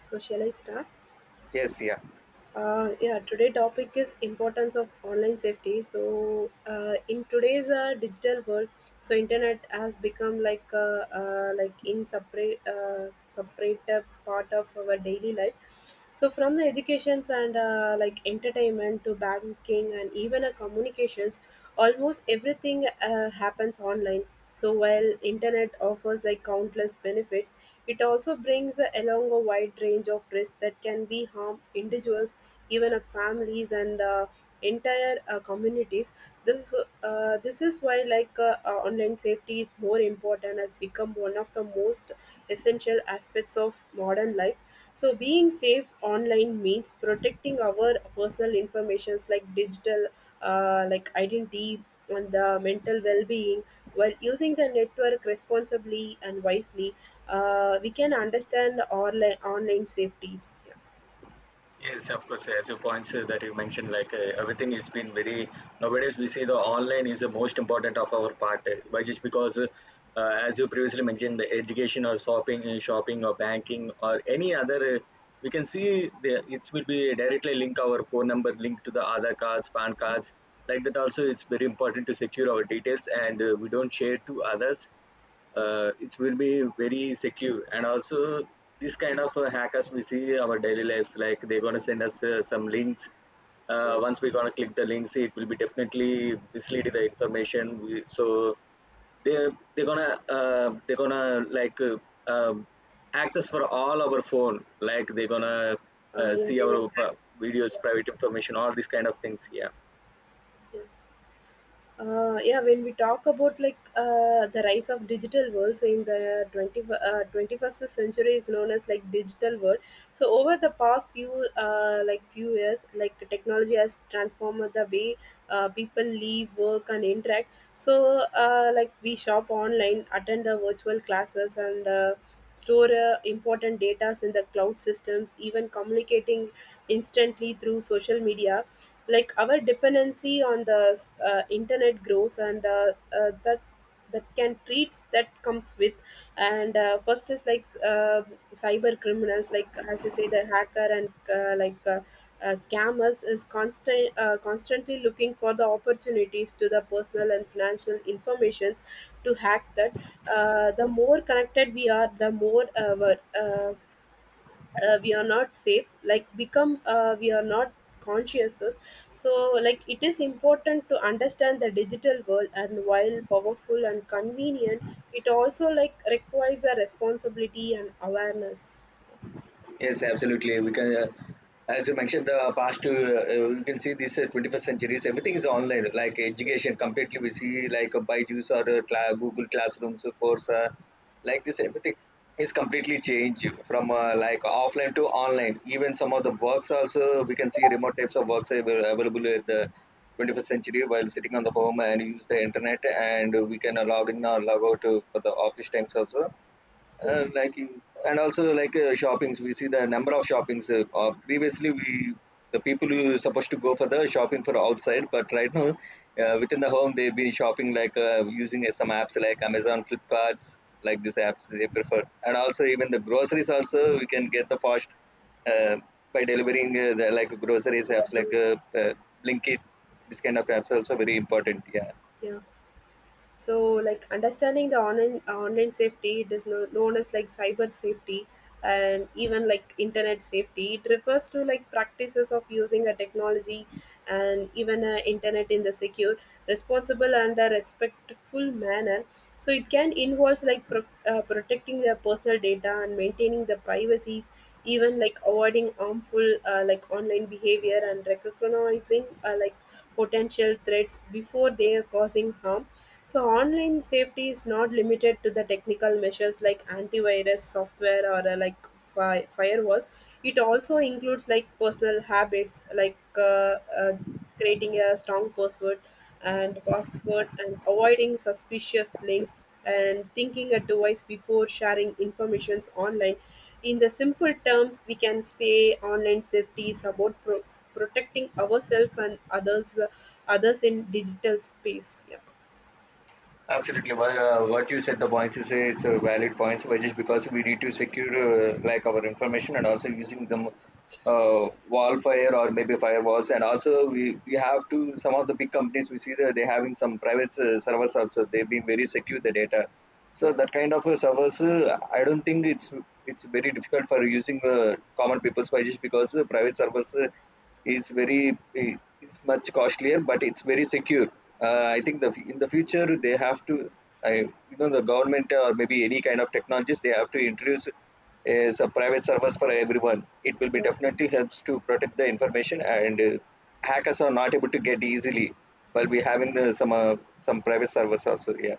So shall I start? Yes, yeah. Yeah, today topic is importance of online safety. So in today's digital world, so internet has become like like in separate separate part of our daily life. So from the educations and like entertainment to banking and even communications, almost everything happens online so while internet offers like countless benefits, it also brings along a wide range of risks that can be harm individuals, even families and entire communities. this this is why online safety is more important, has become one of the most essential aspects of modern life. So being safe online means protecting our personal informations like digital, like identity and the mental well-being while using the network responsibly and wisely, we can understand online safeties. Yeah, Yes, of course. As you points that you mentioned, like everything has been very nowadays. We see the online is the most important of our part, by just because, as you previously mentioned, the education or shopping, shopping or banking or any other, we can see the it will be directly link our phone number linked to the other cards, PAN cards. Like that also, it's very important to secure our details and we don't share to others it will be very secure and also this kind of hackers we see our daily lives like they're going to send us some links yeah, once we're going to click the links it will be definitely mislead the information we, so they're going to they're going to like um, access for all our phone like they're going to yeah see they our will have. Videos Yeah. private information all these kind of things, yeah. Yeah when we talk about like the rise of digital world, so in the 20, 21st century is known as like digital world. So over the past few like few years, like technology has transformed the way people live, work and interact. So like we shop online, attend the virtual classes and store important data in the cloud systems, even communicating instantly through social media, like our dependency on the internet grows and that can treats that comes with. And first is like cyber criminals, like as you said, a hacker and scammers is constant, constantly looking for the opportunities to the personal and financial informations to hack that. The more connected we are, the more we are not safe, like become, we are not conscious. So like it is important to understand the digital world, and while powerful and convenient, it also like requires a responsibility and awareness. Yes, absolutely. We can, as you mentioned, the past two, you can see this 21st centuries, everything is online, like education completely. We see like a Byju's or a Google Classrooms course, like this, everything is completely changed from like offline to online. Even some of the works also, we can see remote types of works are available at the 21st century while sitting on the home and use the internet and we can log in or log out for the office times also, uh, like in- and also like shoppings we see the number of shoppings previously we the people who supposed to go for the shopping for outside but right now within the home they've been shopping like using some apps like amazon flipkarts, like these apps they prefer and also even the groceries also we can get the fast uh, by delivering the like groceries yeah, apps like do- blinkit, this kind of apps also very important, yeah. yeah. So like understanding the online safety, it is known as like cyber safety, and even like internet safety, it refers to like practices of using a technology and even a internet in the secure, responsible and a respectful manner. So it can involve like protecting their personal data and maintaining the privacies, even like avoiding harmful like online behavior and recognizing like potential threats before they are causing harm. So online safety is not limited to the technical measures like antivirus software or like firewalls. It also includes like personal habits, like creating a strong password and password, and avoiding suspicious link, and thinking a device before sharing informations online. In the simple terms, we can say online safety is about protecting ourselves and others, others in digital space. Yeah. Absolutely, but what you said the points is it's a valid points, but just because we need to secure like our information and also using them uh, wall fire or maybe firewalls, and also we have to some of the big companies we see that they having some private servers also they've been very secure the data. So that kind of servers, I don't think it's very difficult for using common people's wise because private servers is very is much costlier, but it's very secure. I think the in the future they have to, I you know, the government or maybe any kind of technologies they have to introduce is a private servers for everyone. It will be definitely helps to protect the information and hackers are not able to get easily while we having the, some private servers also. Yeah.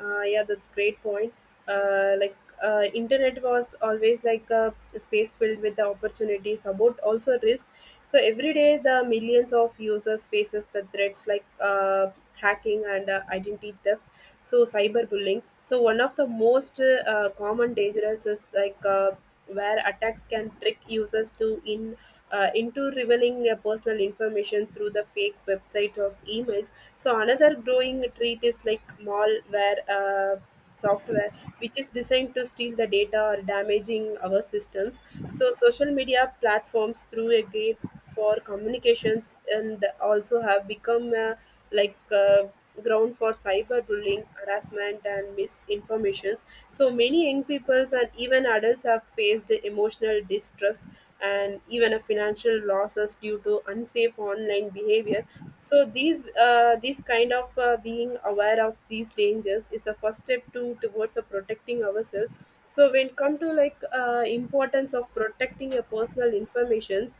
Yeah, that's great point. Uh, like Internet was always like a space filled with the opportunities, about also risk. So every day, the millions of users faces the threats like hacking and identity theft, so cyberbullying. So one of the most common dangers is like where attacks can trick users to in, into revealing personal information through the fake websites or emails. So another growing treat is like malware. Software which is designed to steal the data or damaging our systems. So social media platforms through a gate for communications and also have become like uh, ground for cyberbullying, harassment and misinformations. So many young peoples and even adults have faced emotional distress and even a financial losses due to unsafe online behavior. So these kind of, being aware of these dangers is a first step to towards protecting ourselves. So when come to like importance of protecting your personal information,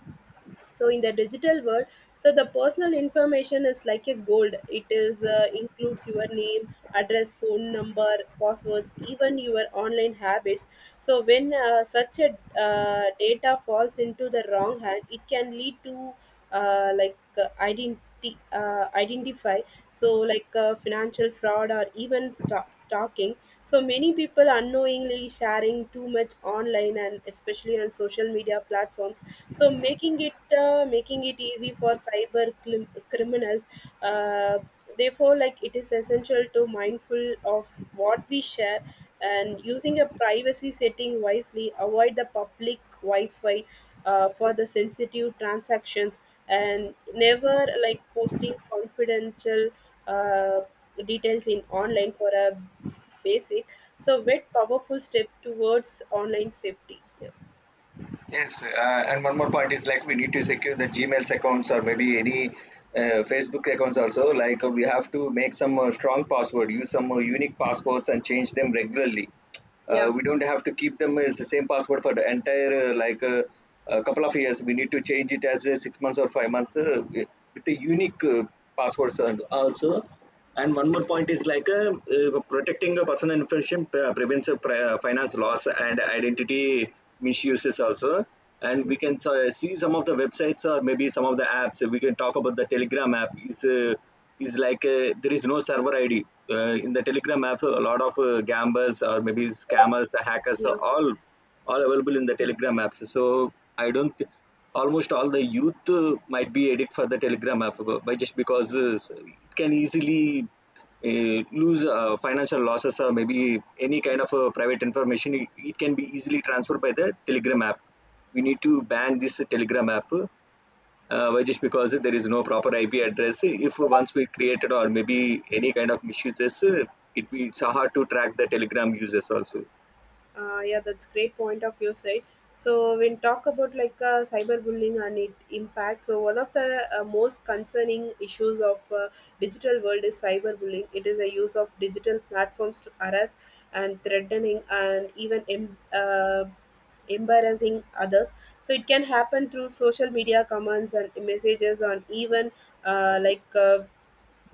so in the digital world, so the personal information is like a gold. It is includes your name, address, phone number, passwords, even your online habits. So when such a data falls into the wrong hand, it can lead to like identity identify, so like financial fraud or even stalking. So many people unknowingly sharing too much online, and especially on social media platforms, so making it easy for cyber criminals. uh, Therefore like it is essential to mindful of what we share and using a privacy setting wisely, avoid the public wi-fi for the sensitive transactions, and never like posting confidential uh, details in online for a basic. So wet powerful step towards online safety, yeah. Yes, and one more point is like we need to secure the Gmail's accounts or maybe any Facebook accounts also. Like we have to make some strong password, use some unique passwords, and change them regularly. Yeah, We don't have to keep them as the same password for the entire a couple of years. We need to change it as 6 months or 5 months with the unique passwords and also. And one more point is like protecting the personal information prevents finance loss and identity misuses also, and we can see some of the websites or maybe some of the apps, we can talk about the telegram app is like there is no server id in the telegram app a lot of gamblers or maybe scammers hackers yeah, all available in the telegram apps, so I don't thi- almost all the youth might be addicted for the telegram app by just because it can easily lose financial losses or maybe any kind of private information, it can be easily transferred by the telegram app. We need to ban this telegram app. Why just because there is no proper ip address if once we created or maybe any kind of misuses it will it's hard to track the telegram users also. Yeah. That's great point of your side. So when talk about like cyberbullying and it impact, so one of the most concerning issues of digital world is cyberbullying. It is a use of digital platforms to harass and threatening and even uh, embarrassing others. So it can happen through social media comments and messages on even uh, like. Uh,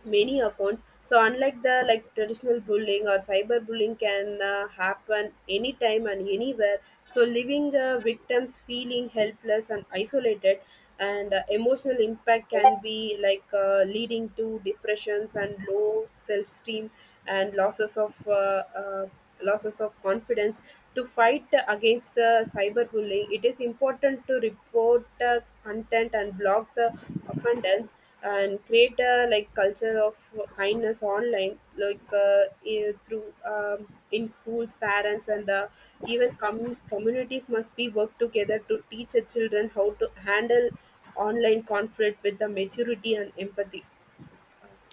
many accounts. So unlike the like traditional bullying or cyber bullying can happen anytime and anywhere, so leaving victims feeling helpless and isolated, and emotional impact can be like leading to depressions and low self-esteem, and uh, losses of confidence. To fight against cyberbullying, it is important to report content and block the offenders and create a like culture of kindness online. Through in schools, parents and even communities must be work together to teach the children how to handle online conflict with the maturity and empathy,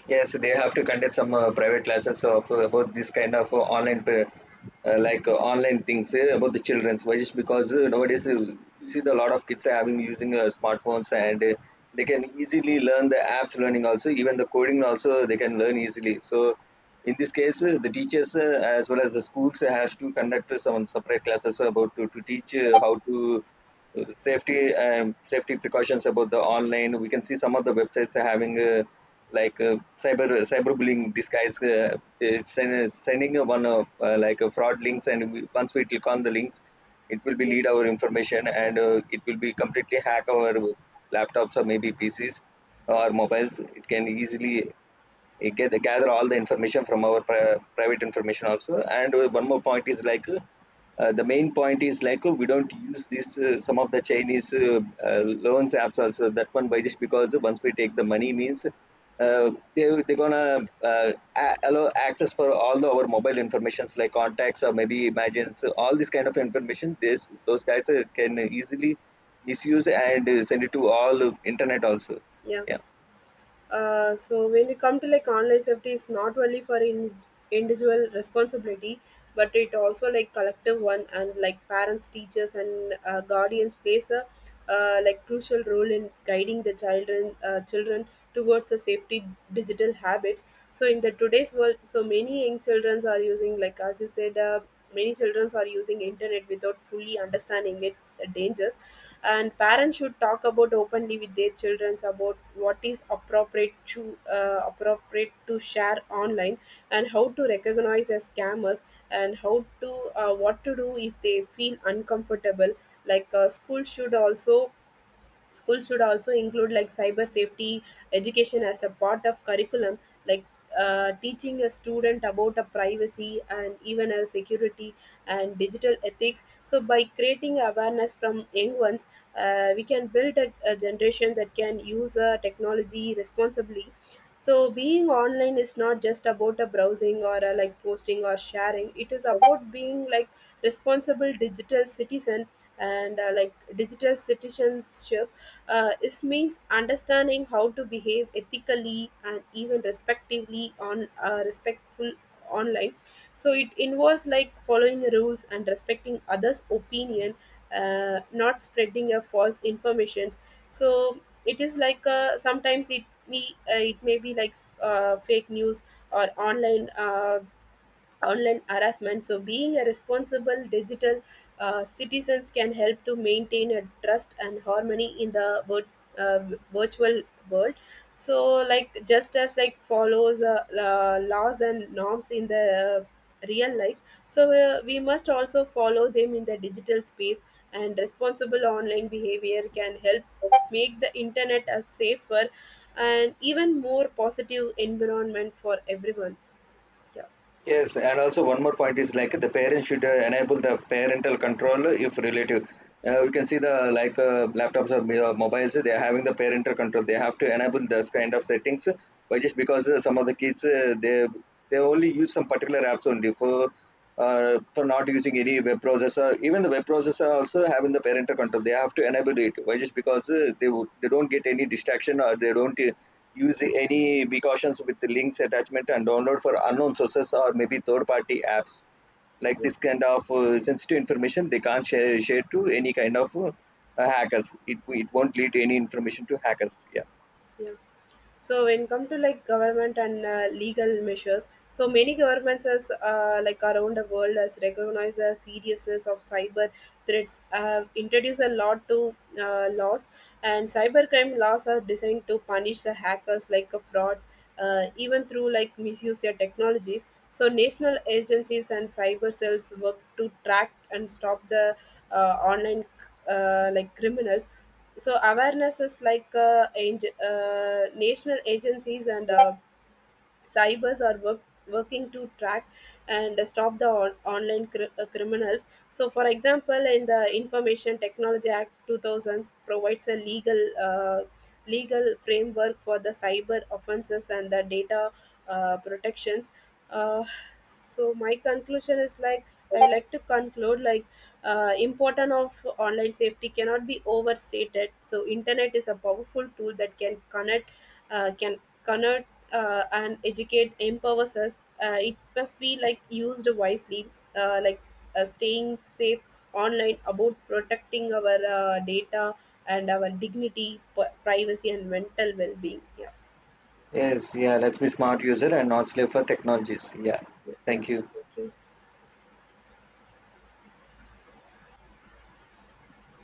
Yes, they have to conduct some private classes of about this kind of online, like online things about the childrens. Why just because nowadays you see the lot of kids are having using smartphones and they can easily learn the apps learning also, even the coding also they can learn easily. So in this case, the teachers as well as the schools has to conduct some separate classes about to teach how to safety, safety precautions about the online. We can see some of the websites are having like cyberbullying disguise, it's sending one like fraud links, and we, once we click on the links, it will be lead our information and it will be completely hack our laptops or maybe PCs or mobiles. It can easily you get gather all the information from our private information also. And one more point is like the main point is like we don't use this some of the chinese uh, loans apps also, that one why just because once we take the money means uh, they're gonna uh, allow access for all the, our mobile informations like contacts or maybe imagines, all this kind of information this those guys can easily misuse and send it to all internet also, yeah. yeah. So when we come to like online safety, it's not only for in individual responsibility, but it also like collective one, and like parents, teachers and guardians plays a like crucial role in guiding the children towards the safety digital habits. So in the today's world, so many young children are using like, as you said, many children are using internet without fully understanding its dangers, and parents should talk about openly with their children about what is appropriate to appropriate to share online, and how to recognize as scammers, and how to what to do if they feel uncomfortable. Like uh, school should also Schools should also include like cyber safety education as a part of curriculum, like teaching a student about a privacy and even a security and digital ethics. So by creating awareness from young ones, we can build a generation that can use technology responsibly. So being online is not just about a browsing or a like posting or sharing, it is about being like responsible digital citizen. And like digital citizenship is means understanding how to behave ethically and even respectively on, respectful online. So it involves like following rules and respecting others opinion, not spreading a false informations. So it is like, uh, sometimes it me it may be like fake news or online harassment. So being a responsible digital citizens can help to maintain a trust and harmony in the virtual world. So like just as like follows laws and norms in the real life, so we must also follow them in the digital space. And responsible online behavior can help make the internet a safer and even more positive environment for everyone. Yeah, Yes, and also one more point is like the parents should enable the parental control if relative. We can see the like laptops or mobiles, they are having the parental control. They have to enable those kind of settings, but just because some of the kids they only use some particular apps only for not using any web processor. Even the web processor also having the parental control. They have to enable it. Why? Just because they would, they don't get any distraction or they don't use any precautions with the links attachment and download for unknown sources or maybe third party apps. Like yeah, this kind of sensitive information, they can't share to any kind of hackers. It won't lead to any information to hackers. Yeah. yeah. So when come to like government and legal measures, so many governments as like around the world has recognized the seriousness of cyber threats, have introduced a lot to laws, and cybercrime laws are designed to punish the hackers like frauds, even through like misuse their technologies. So national agencies and cyber cells work to track and stop the online like criminals. So awareness is like national agencies and cybers are working to track and stop the online criminals. So for example, in the Information Technology Act 2000s provides a legal framework for the cyber offenses and the data protections. Uh, so my conclusion is like, I like to conclude like important of online safety cannot be overstated. So internet is a powerful tool that can connect and educate, empowers us. It must be like used wisely. uh, like Staying safe online about protecting our data and our dignity, privacy and mental well-being, yeah, Yes. Yeah. Let's be smart user and not slave for technologies. Yeah. yeah, yeah. Thank you. Thank you.